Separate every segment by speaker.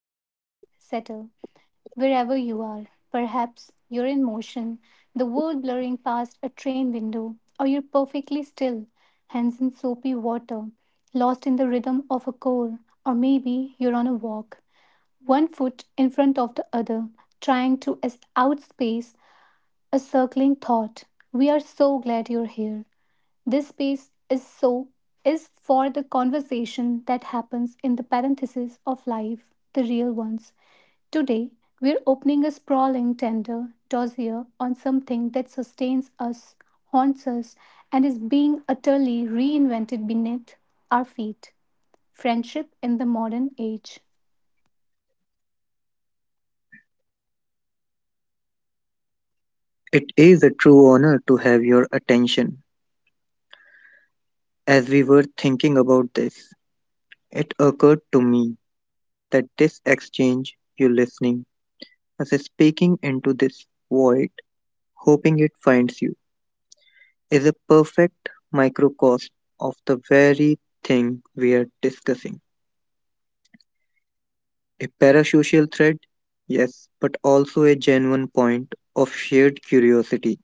Speaker 1: Come in, settle, wherever you are. Perhaps you're in motion, the world blurring past a train window, or you're perfectly still, hands in soapy water, lost in the rhythm of a chore, or maybe you're on a walk, one foot in front of the other, outspace a circling thought. We are so glad you're here. This space is so is for the conversation that happens in the parentheses of life, the real ones. Today, we're opening a sprawling tender dossier on something that sustains us, haunts us, and is being utterly reinvented beneath our feet. Friendship in the modern age.
Speaker 2: It is a true honor to have your attention. As we were thinking about this, it occurred to me that this exchange, you listening, us speaking into this void, hoping it finds you, is a perfect microcosm of the very thing we are discussing. A parasocial thread, yes, but also a genuine point of shared curiosity.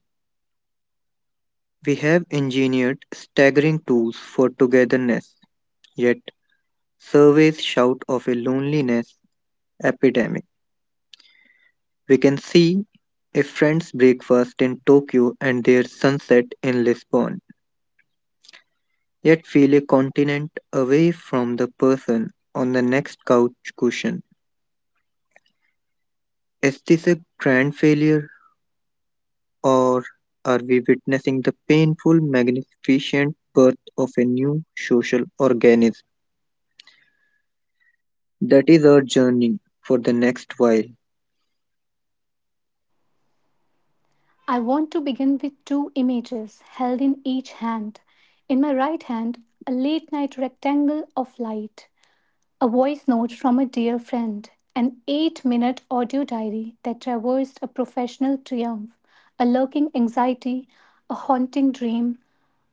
Speaker 2: We have engineered staggering tools for togetherness, yet surveys shout of a loneliness epidemic. We can see a friend's breakfast in Tokyo and their sunset in Lisbon, yet feel a continent away from the person on the next couch cushion. Is this a grand failure, or are we witnessing the painful, magnificent birth of a new social organism? That is our journey for the next while.
Speaker 1: I want to begin with two images held in each hand. In my right hand, a late night rectangle of light. A voice note from a dear friend, an 8 minute audio diary that traversed a professional triumph, a lurking anxiety, a haunting dream,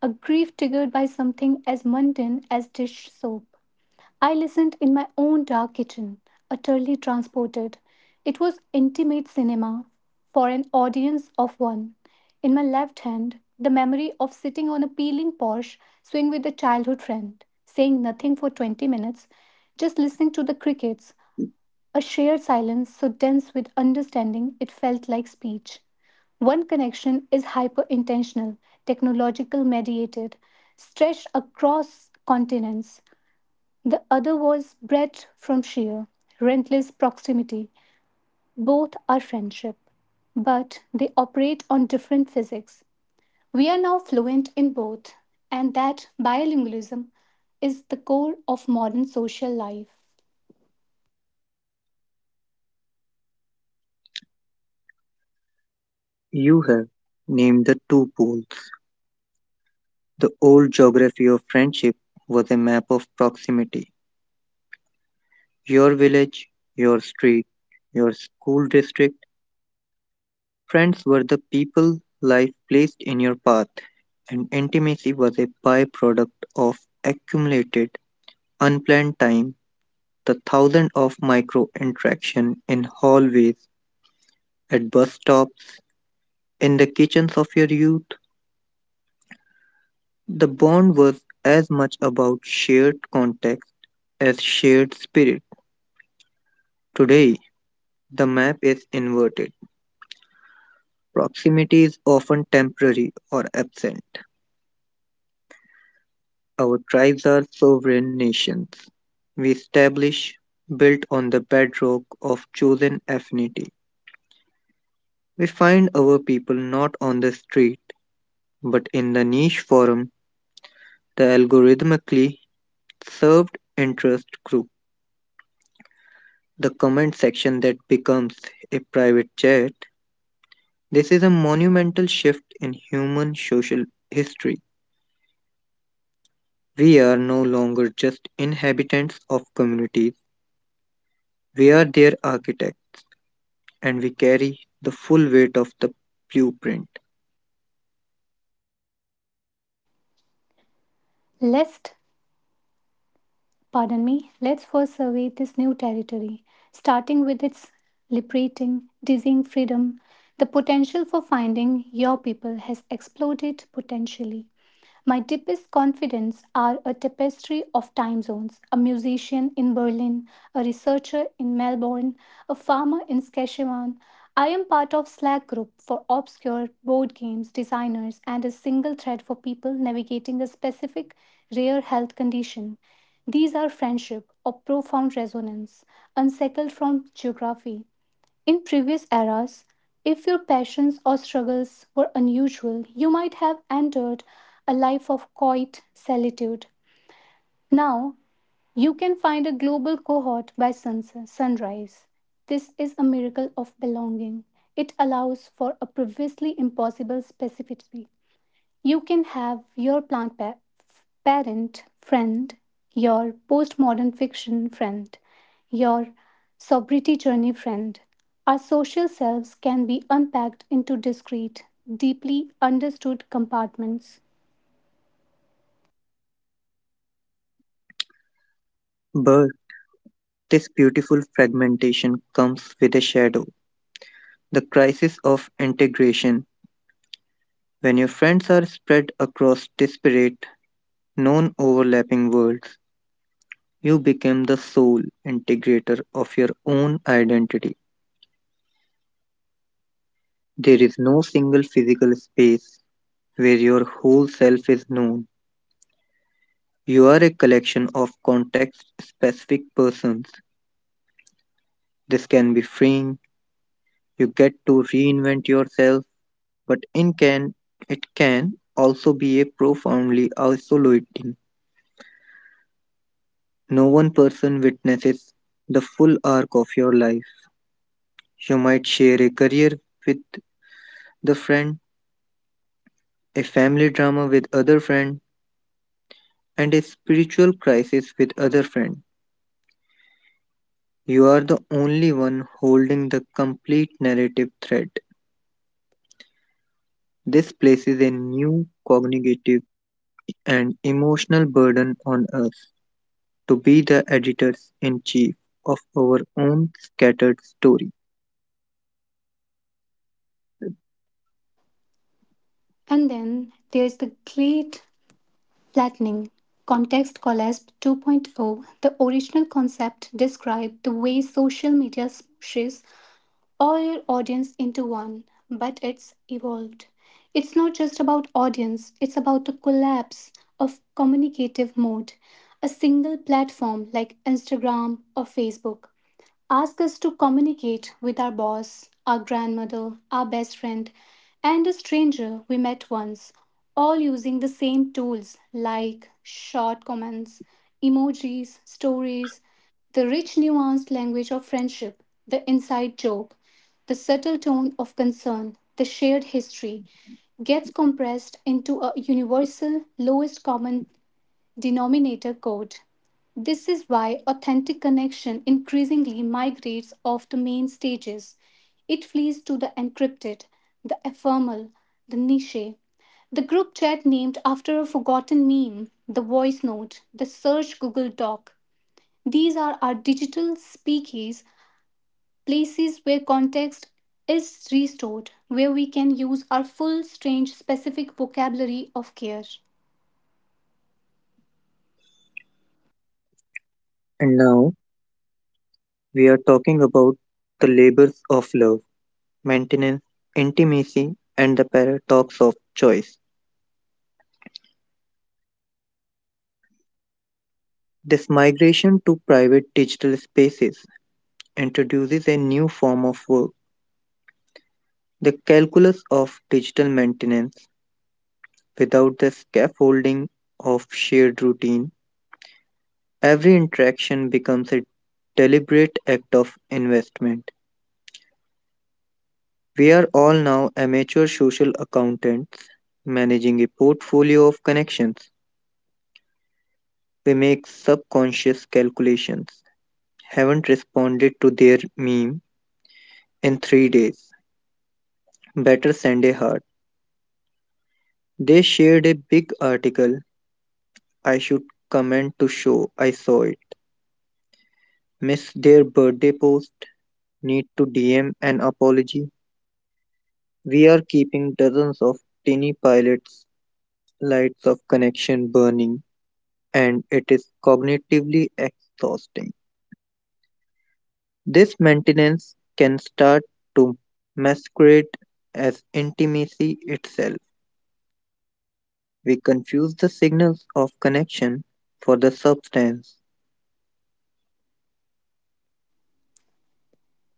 Speaker 1: a grief triggered by something as mundane as dish soap. I listened in my own dark kitchen, utterly transported. It was intimate cinema for an audience of one. In my left hand, the memory of sitting on a peeling Porsche swing with a childhood friend, saying nothing for 20 minutes, just listening to the crickets, a shared silence so dense with understanding it felt like speech. One connection is hyper intentional, technological mediated, stretched across continents. The other was bred from sheer, relentless proximity. Both are friendship, but they operate on different physics. We are now fluent in both, and that bilingualism is the core of modern social life.
Speaker 2: You have named the two poles. The old geography of friendship was a map of proximity. Your village, your street, your school district. Friends were the people life placed in your path, and intimacy was a byproduct of accumulated, unplanned time. The thousand of micro-interactions in hallways, at bus stops, in the kitchens of your youth. The bond was as much about shared context as shared spirit. Today, the map is inverted. Proximity is often temporary or absent. Our tribes are sovereign nations. We establish, built on the bedrock of chosen affinity. We find our people not on the street, but in the niche forum, the algorithmically served interest group, the comment section that becomes a private chat. This is a monumental shift in human social history. We are no longer just inhabitants of communities, we are their architects, and we carry the full weight of the blueprint.
Speaker 1: Let's, let's first survey this new territory, starting with its liberating, dizzying freedom. The potential for finding your people has exploded potentially. My deepest confidence are a tapestry of time zones, a musician in Berlin, a researcher in Melbourne, a farmer in Saskatchewan. I am part of Slack group for obscure board games designers and a single thread for people navigating a specific rare health condition. These are friendship of profound resonance, unshackled from geography. In previous eras, if your passions or struggles were unusual, you might have entered a life of quiet solitude. Now, you can find a global cohort by sunset, sunrise. This is a miracle of belonging. It allows for a previously impossible specificity. You can have your parent friend, your postmodern fiction friend, your sobriety journey friend. Our social selves can be unpacked into discrete, deeply understood compartments.
Speaker 2: But this beautiful fragmentation comes with a shadow, the crisis of integration. When your friends are spread across disparate non overlapping worlds, you become the sole integrator of your own identity. There is no single physical space where your whole self is known. You are a collection of context specific persons. This can be freeing. You get to reinvent yourself, but in can it can also be a profoundly isolating. No one person witnesses the full arc of your life. You might share a career with the friend, a family drama with other friend, and a spiritual crisis with other friend. You are the only one holding the complete narrative thread. This places a new cognitive and emotional burden on us to be the editors in chief of our own scattered story.
Speaker 1: And then there's the great flattening. Context Collapse 2.0, the original concept, described the way social media smushes all your audience into one, but it's evolved. It's not just about audience, it's about the collapse of communicative mode. A single platform like Instagram or Facebook ask us to communicate with our boss, our grandmother, our best friend, and a stranger we met once, all using the same tools like short comments, emojis, stories. The rich nuanced language of friendship, the inside joke, the subtle tone of concern, the shared history gets compressed into a universal lowest common denominator code. This is why authentic connection increasingly migrates off the main stages. It flees to the encrypted, the ephemeral, the niche, the group chat named after a forgotten meme, the voice note, the search Google Doc. These are our digital speakeasies, places where context is restored, where we can use our full strange specific vocabulary of care.
Speaker 2: And now we are talking about the labors of love, maintenance, intimacy, and the paradox of choice. This migration to private digital spaces introduces a new form of work, the calculus of digital maintenance. Without the scaffolding of shared routine, every interaction becomes a deliberate act of investment. We are all now amateur social accountants managing a portfolio of connections. We make subconscious calculations. Haven't responded to their meme in 3 days. Better send a heart. They shared a big article I should comment to show I saw it. Miss their birthday post, need to DM an apology. We are keeping dozens of tiny pilots, lights of connection burning, and it is cognitively exhausting. This maintenance can start to masquerade as intimacy itself. We confuse the signals of connection for the substance,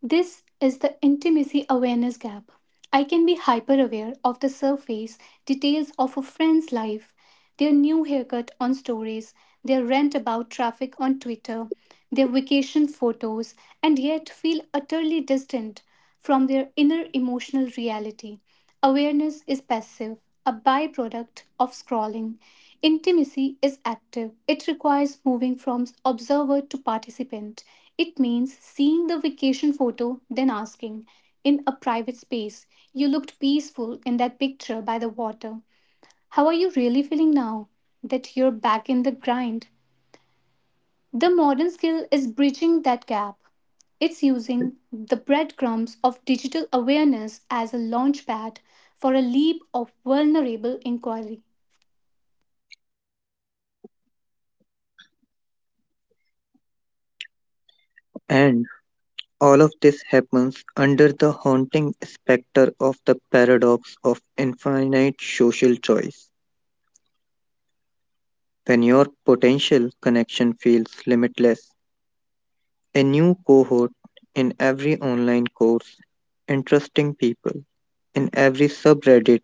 Speaker 1: This is the intimacy awareness gap. I can be hyper aware of the surface details of a friend's life, their new haircut on stories, their rant about traffic on Twitter, their vacation photos, and yet feel utterly distant from their inner emotional reality. Awareness is passive, a byproduct of scrolling. Intimacy is active, it requires moving from observer to participant. It means seeing the vacation photo, then asking, in a private space, you looked peaceful in that picture by the water. How are you really feeling now that you're back in the grind? The modern skill is bridging that gap. It's using the breadcrumbs of digital awareness as a launchpad for a leap of vulnerable inquiry.
Speaker 2: and all of this happens under the haunting specter of the paradox of infinite social choice. When your potential connection feels limitless, a new cohort in every online course, interesting people in every subreddit,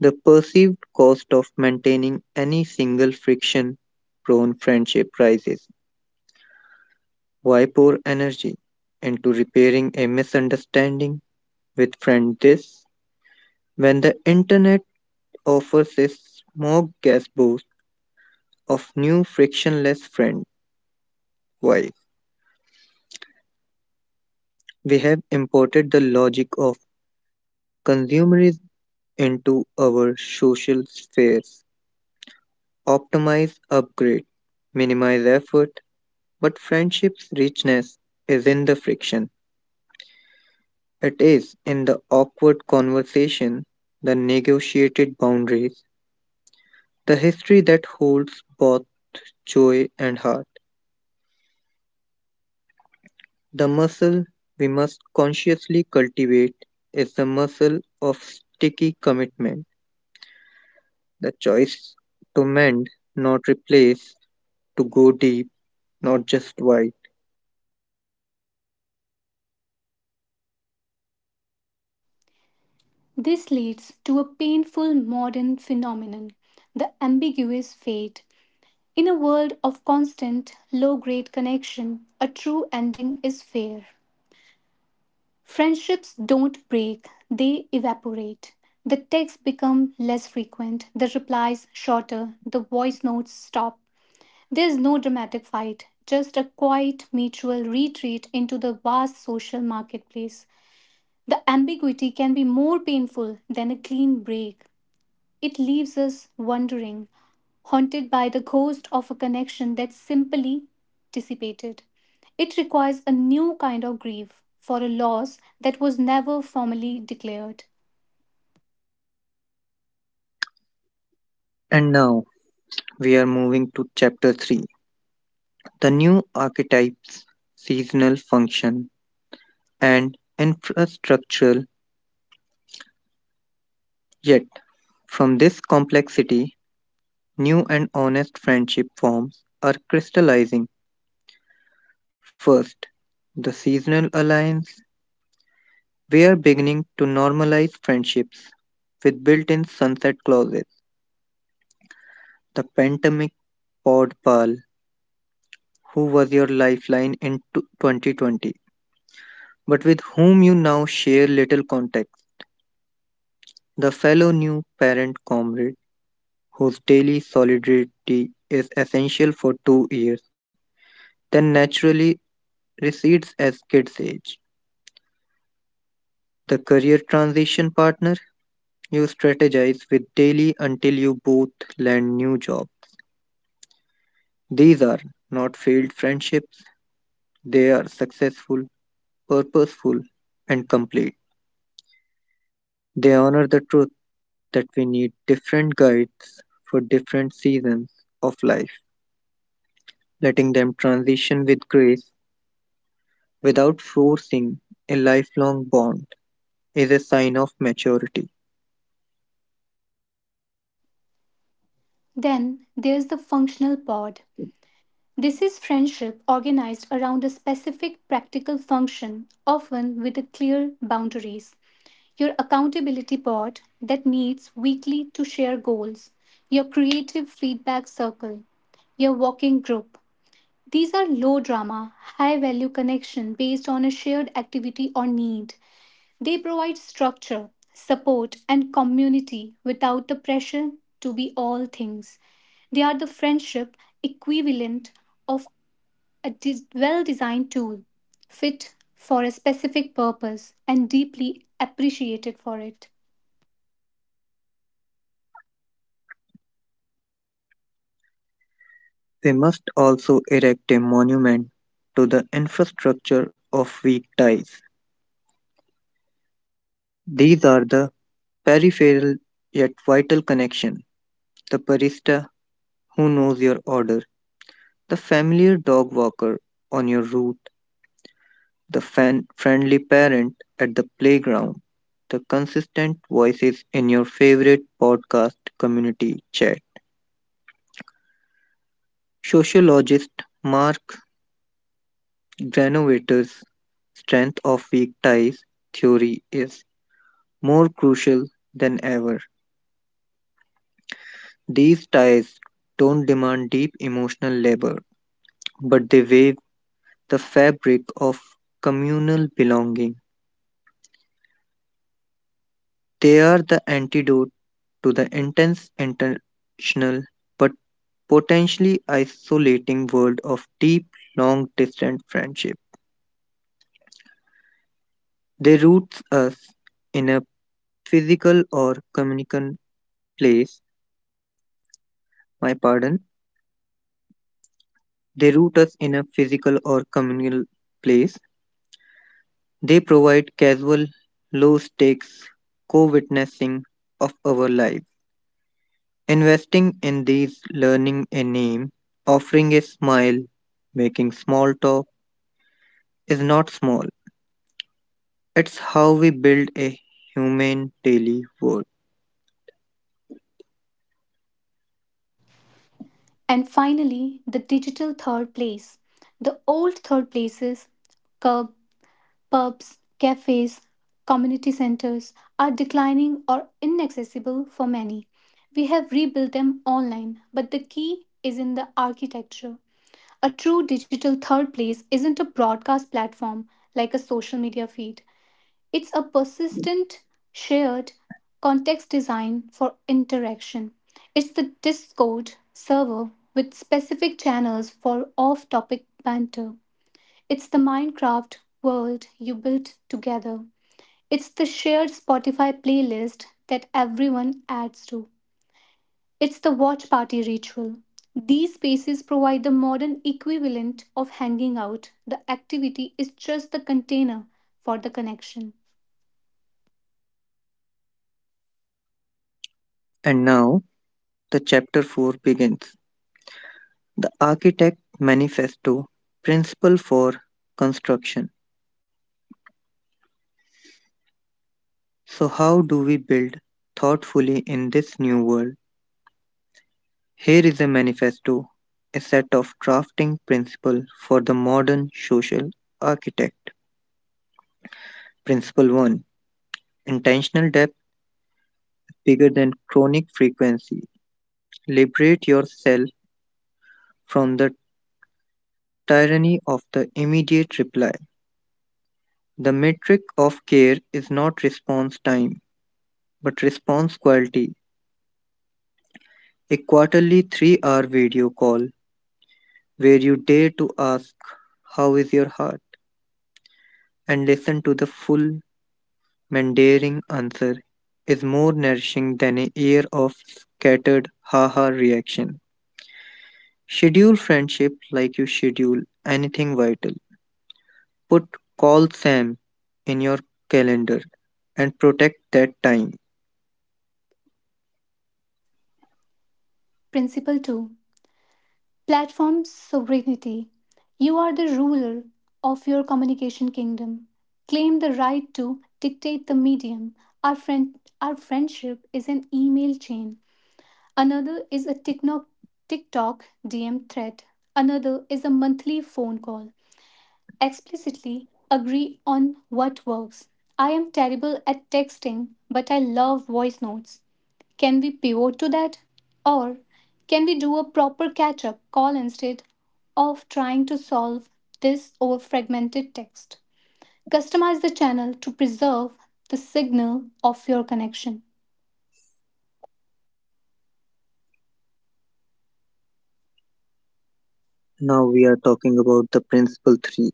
Speaker 2: the perceived cost of maintaining any single friction prone friendship rises. Why pour energy into repairing a misunderstanding with friend this when the internet offers a smoke gas boost of new frictionless friend while we have imported the logic of consumerism into our social spheres. Optimize, upgrade, minimize effort, but friendship's richness is in the friction. It is in the awkward conversation, the negotiated boundaries, the history that holds both joy and heart. The muscle we must consciously cultivate is the muscle of sticky commitment, the choice to mend, not replace, to go deep, not just wide.
Speaker 1: This leads to a painful modern phenomenon, the ambiguous fate. In a world of constant, low grade connection, a true ending is fair. Friendships don't break, they evaporate. The texts become less frequent, the replies shorter, the voice notes stop. There's no dramatic fight, just a quiet mutual retreat into the vast social marketplace. The ambiguity can be more painful than a clean break. It leaves us wondering, haunted by the ghost of a connection that simply dissipated. It requires a new kind of grief for a loss that was never formally declared.
Speaker 2: And now we are moving to chapter 3, the new archetypes, seasonal function, and infrastructural. Yet, from this complexity, new and honest friendship forms are crystallizing. First, the seasonal alliance. We're beginning to normalize friendships with built in sunset clauses. The pandemic pod pal who was your lifeline in 2020, but with whom you now share little context. The fellow new parent comrade whose daily solidarity is essential for 2 years, then naturally recedes as kids age. The career transition partner you strategize with daily until you both land new jobs. These are not failed friendships, they are successful, purposeful, and complete. They honor the truth that we need different guides for different seasons of life, letting them transition with grace without forcing a lifelong bond is a sign of maturity.
Speaker 1: Then there's the functional pod. This is friendship organized around a specific practical function, often with a clear boundaries. Your accountability board that meets weekly to share goals, your creative feedback circle, your walking group. These are low drama, high value connection based on a shared activity or need. They provide structure, support and community without the pressure to be all things. They are the friendship equivalent of a well designed tool, fit for a specific purpose and deeply appreciated for it.
Speaker 2: We must also erect a monument to the infrastructure of weak ties. These are the peripheral yet vital connection, the barista who knows your order, the familiar dog walker on your route, the friendly parent at the playground, the consistent voices in your favorite podcast community chat. Sociologist Mark Granovetter's strength of weak ties theory is more crucial than ever. These ties don't demand deep emotional labor, but they weave the fabric of communal belonging. They are the antidote to the intense international but potentially isolating world of deep, long distance friendship. They root us in a physical or communal place, my pardon. They root us in a physical or communal place. They provide casual, low stakes co witnessing of our life. Investing in these, learning a name, offering a smile, making small talk is not small. It's how we build a human daily world.
Speaker 1: And finally, the digital third place. The old third places, curb, pubs, cafes, community centers, are declining or inaccessible for many. We have rebuilt them online, but the key is in the architecture. A true digital third place isn't a broadcast platform like a social media feed. It's a persistent, shared context design for interaction. It's the Discord server with specific channels for off topic banter. It's the Minecraft world you built together. It's the shared Spotify playlist that everyone adds to. It's the watch party ritual. These spaces provide the modern equivalent of hanging out. The activity is just the container for the connection.
Speaker 2: And now the chapter 4 begins. The Architect Manifesto. Principle for Construction. So, how do we build thoughtfully in this new world? Here is a manifesto, a set of drafting principles for the modern social architect. Principle 1. Intentional depth bigger than chronic frequency. Liberate yourself from the tyranny of the immediate reply. The metric of care is not response time, but response quality. A quarterly 3-hour video call where you dare to ask, how is your heart? And listen to the full, mandating answer is more nourishing than a year of scattered haha reaction. Schedule friendship like you schedule anything vital. Put call Sam in your calendar and protect that time.
Speaker 1: Principle 2, platform sovereignty. You are the ruler of your communication kingdom. Claim the right to dictate the medium. Our, friend, our friendship is an email chain. Another is a TikTok DM thread. Another is a monthly phone call. Explicitly agree on what works. I am terrible at texting, but I love voice notes. Can we pivot to that? Or can we do a proper catch up call instead of trying to solve this over fragmented text? Customize the channel to preserve the signal of your connection.
Speaker 2: Now we are talking about the Principle 3,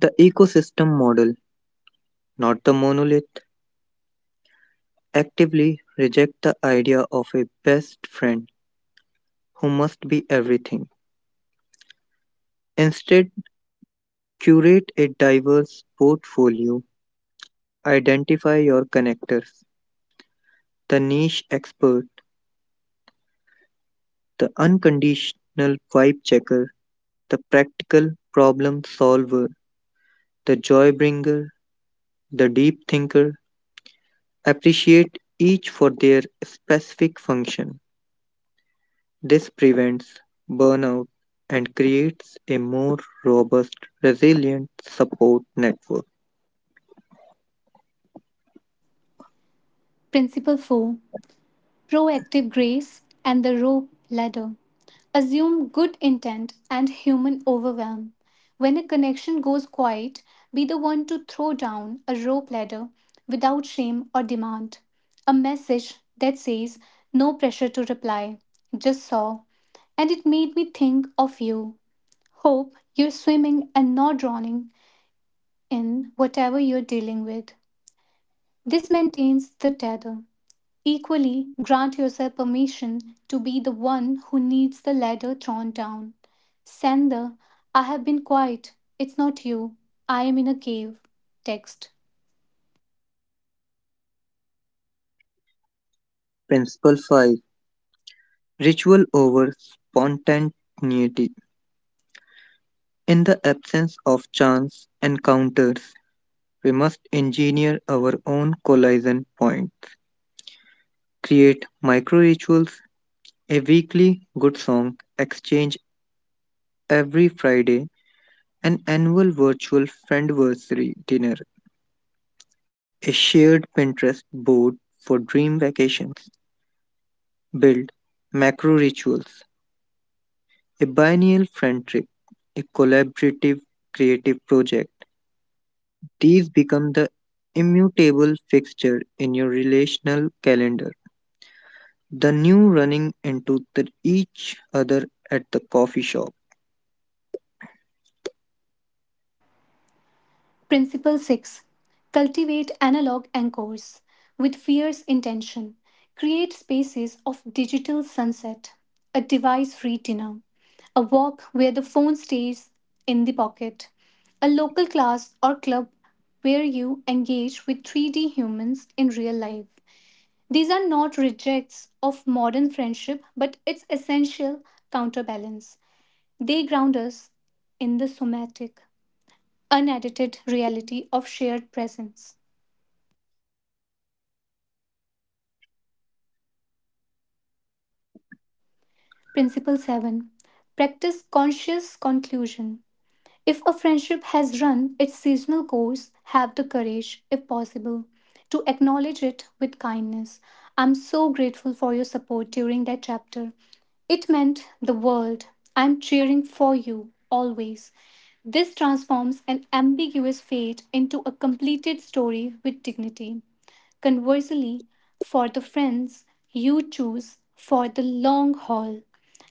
Speaker 2: the ecosystem model, not the monolith. Actively reject the idea of a best friend who must be everything. Instead, curate a diverse portfolio, identify your connectors, the niche expert, the unconditional vibe checker, the practical problem solver, the joy bringer, the deep thinker. Appreciate each for their specific function. This prevents burnout and creates a more robust, resilient support network.
Speaker 1: Principle 4, proactive grace and the rope ladder. Assume good intent and human overwhelm. When a connection goes quiet, be the one to throw down a rope ladder without shame or demand. A message that says, no pressure to reply, just saw. And it made me think of you. Hope you're swimming and not drowning in whatever you're dealing with. This maintains the tether. Equally, grant yourself permission to be the one who needs the ladder thrown down. Sender, I have been quiet. It's not you. I am in a cave. Text.
Speaker 2: Principle 5. Ritual over spontaneity. In the absence of chance encounters, we must engineer our own collision point. Create micro rituals, a weekly good song exchange every Friday, an annual virtual friendversary dinner, a shared Pinterest board for dream vacations. Build macro rituals, a biennial friend trip, a collaborative creative project. These become the immutable fixture in your relational calendar. The new running into the each other at the coffee shop.
Speaker 1: Principle 6, cultivate analog anchors with fierce intention. Create spaces of digital sunset, a device free dinner, a walk where the phone stays in the pocket, a local class or club where you engage with 3D humans in real life. These are not rejects of modern friendship, but its essential counterbalance. They ground us in the somatic, unedited reality of shared presence. Principle 7, practice conscious conclusion. If a friendship has run its seasonal course, have the courage, if possible, to acknowledge it with kindness. I'm so grateful for your support during that chapter. It meant the world. I'm cheering for you always. This transforms an ambiguous fate into a completed story with dignity. Conversely, for the friends you choose for the long haul,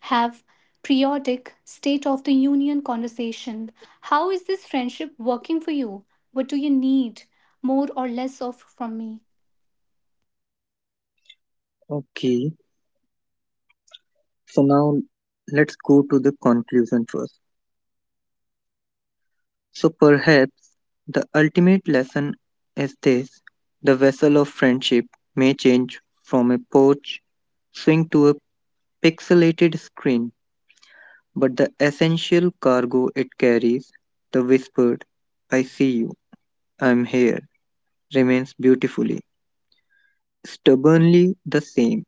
Speaker 1: have periodic state of the union conversation. How is this friendship working for you? What do you need more or less of from me?
Speaker 2: Okay, so now let's go to the conclusion first. So perhaps the ultimate lesson is this: the vessel of friendship may change from a porch swing to a pixelated screen, but the essential cargo it carries, the whispered, I see you, I'm here, remains beautifully, stubbornly the same.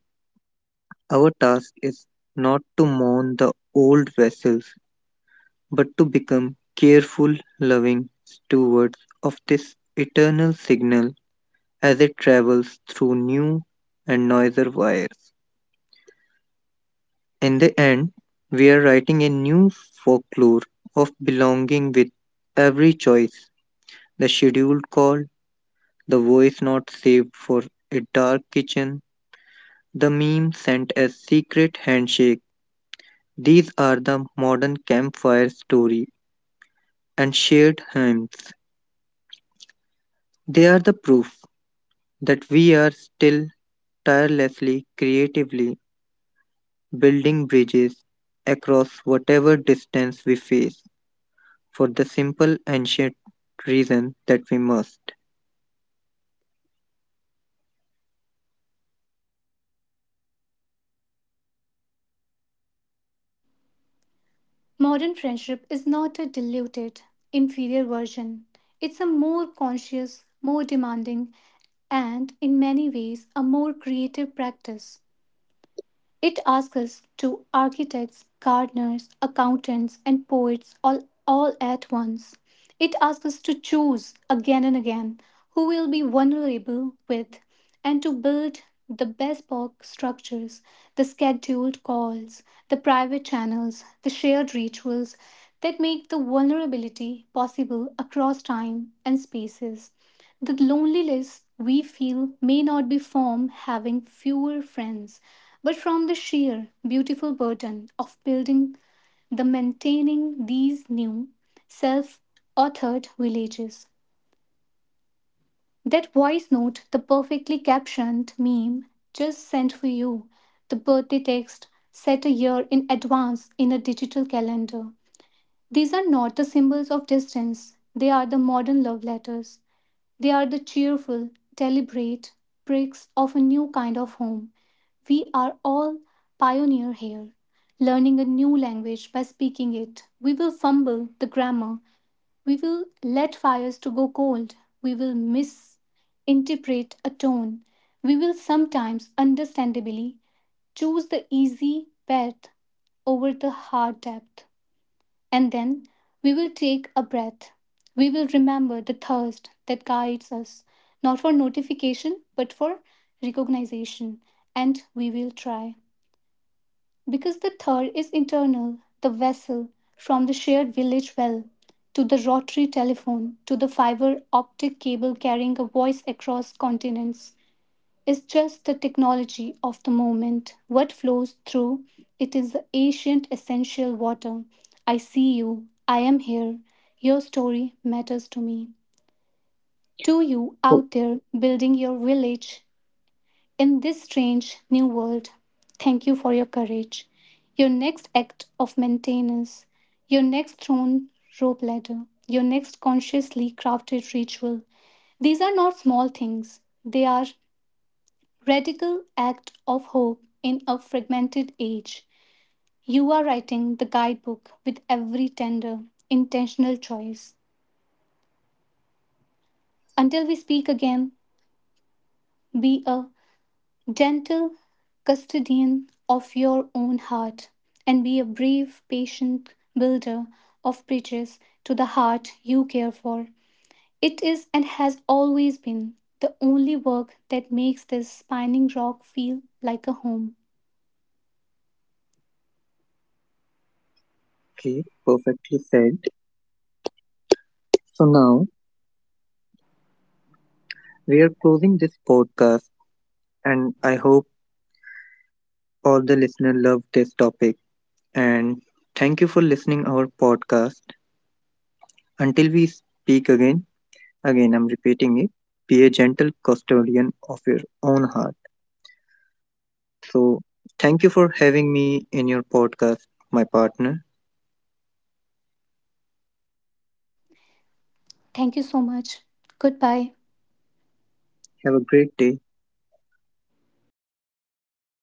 Speaker 2: Our task is not to mourn the old vessels, but to become careful, loving stewards of this eternal signal as it travels through new and noisier wires. In the end, we are writing a new folklore of belonging with every choice, the scheduled call, the voice not saved for a dark kitchen, the meme sent as secret handshake. These are the modern campfire story and shared hymns. They are the proof that we are still tirelessly, creatively building bridges across whatever distance we face, for the simple ancient reason that we must.
Speaker 1: Modern friendship is not a diluted, inferior version. It's a more conscious, more demanding, and in many ways a more creative practice. It asks us to architects, gardeners, accountants, and poets, all at once. It asks us to choose again and again who will be vulnerable with and to build the best box structures, the scheduled calls, the private channels, the shared rituals that make the vulnerability possible across time and spaces. The loneliness we feel may not be from having fewer friends but from the sheer beautiful burden of building the maintaining these new self authored villages. That voice note, the perfectly captioned meme just sent for you, the birthday text set a year in advance in a digital calendar. These are not the symbols of distance, they are the modern love letters. They are the cheerful, deliberate bricks of a new kind of home. We are all pioneer here, learning a new language by speaking it. We will fumble the grammar. We will let fires to go cold. We will misinterpret a tone. We will sometimes, understandably, choose the easy path over the hard depth. And then we will take a breath. We will remember the thirst that guides us, not for notification, but for recognition. And we will try. Because the third is internal, the vessel from the shared village well to the rotary telephone to the fiber optic cable carrying a voice across continents is just the technology of the moment. What flows through it is the ancient essential water. I see you, I am here. Your story matters to me. To you out there building your village in this strange new world, thank you for your courage. Your next act of maintenance, your next thrown rope ladder, your next consciously crafted ritual. These are not small things, they are radical act of hope in a fragmented age. You are writing the guidebook with every tender, intentional choice. Until we speak again, be a gentle custodian of your own heart and be a brave, patient builder of bridges to the heart you care for. It is and has always been the only work that makes this Spining Rock feel like a home.
Speaker 2: Okay, perfectly said. So now we are closing this podcast, and I hope all the listeners love this topic. And thank you for listening our podcast. Until we speak again, again I'm repeating it. Be a gentle custodian of your own heart. So thank you for having me in your podcast, my partner.
Speaker 1: Thank you so much. Goodbye.
Speaker 2: Have a great day.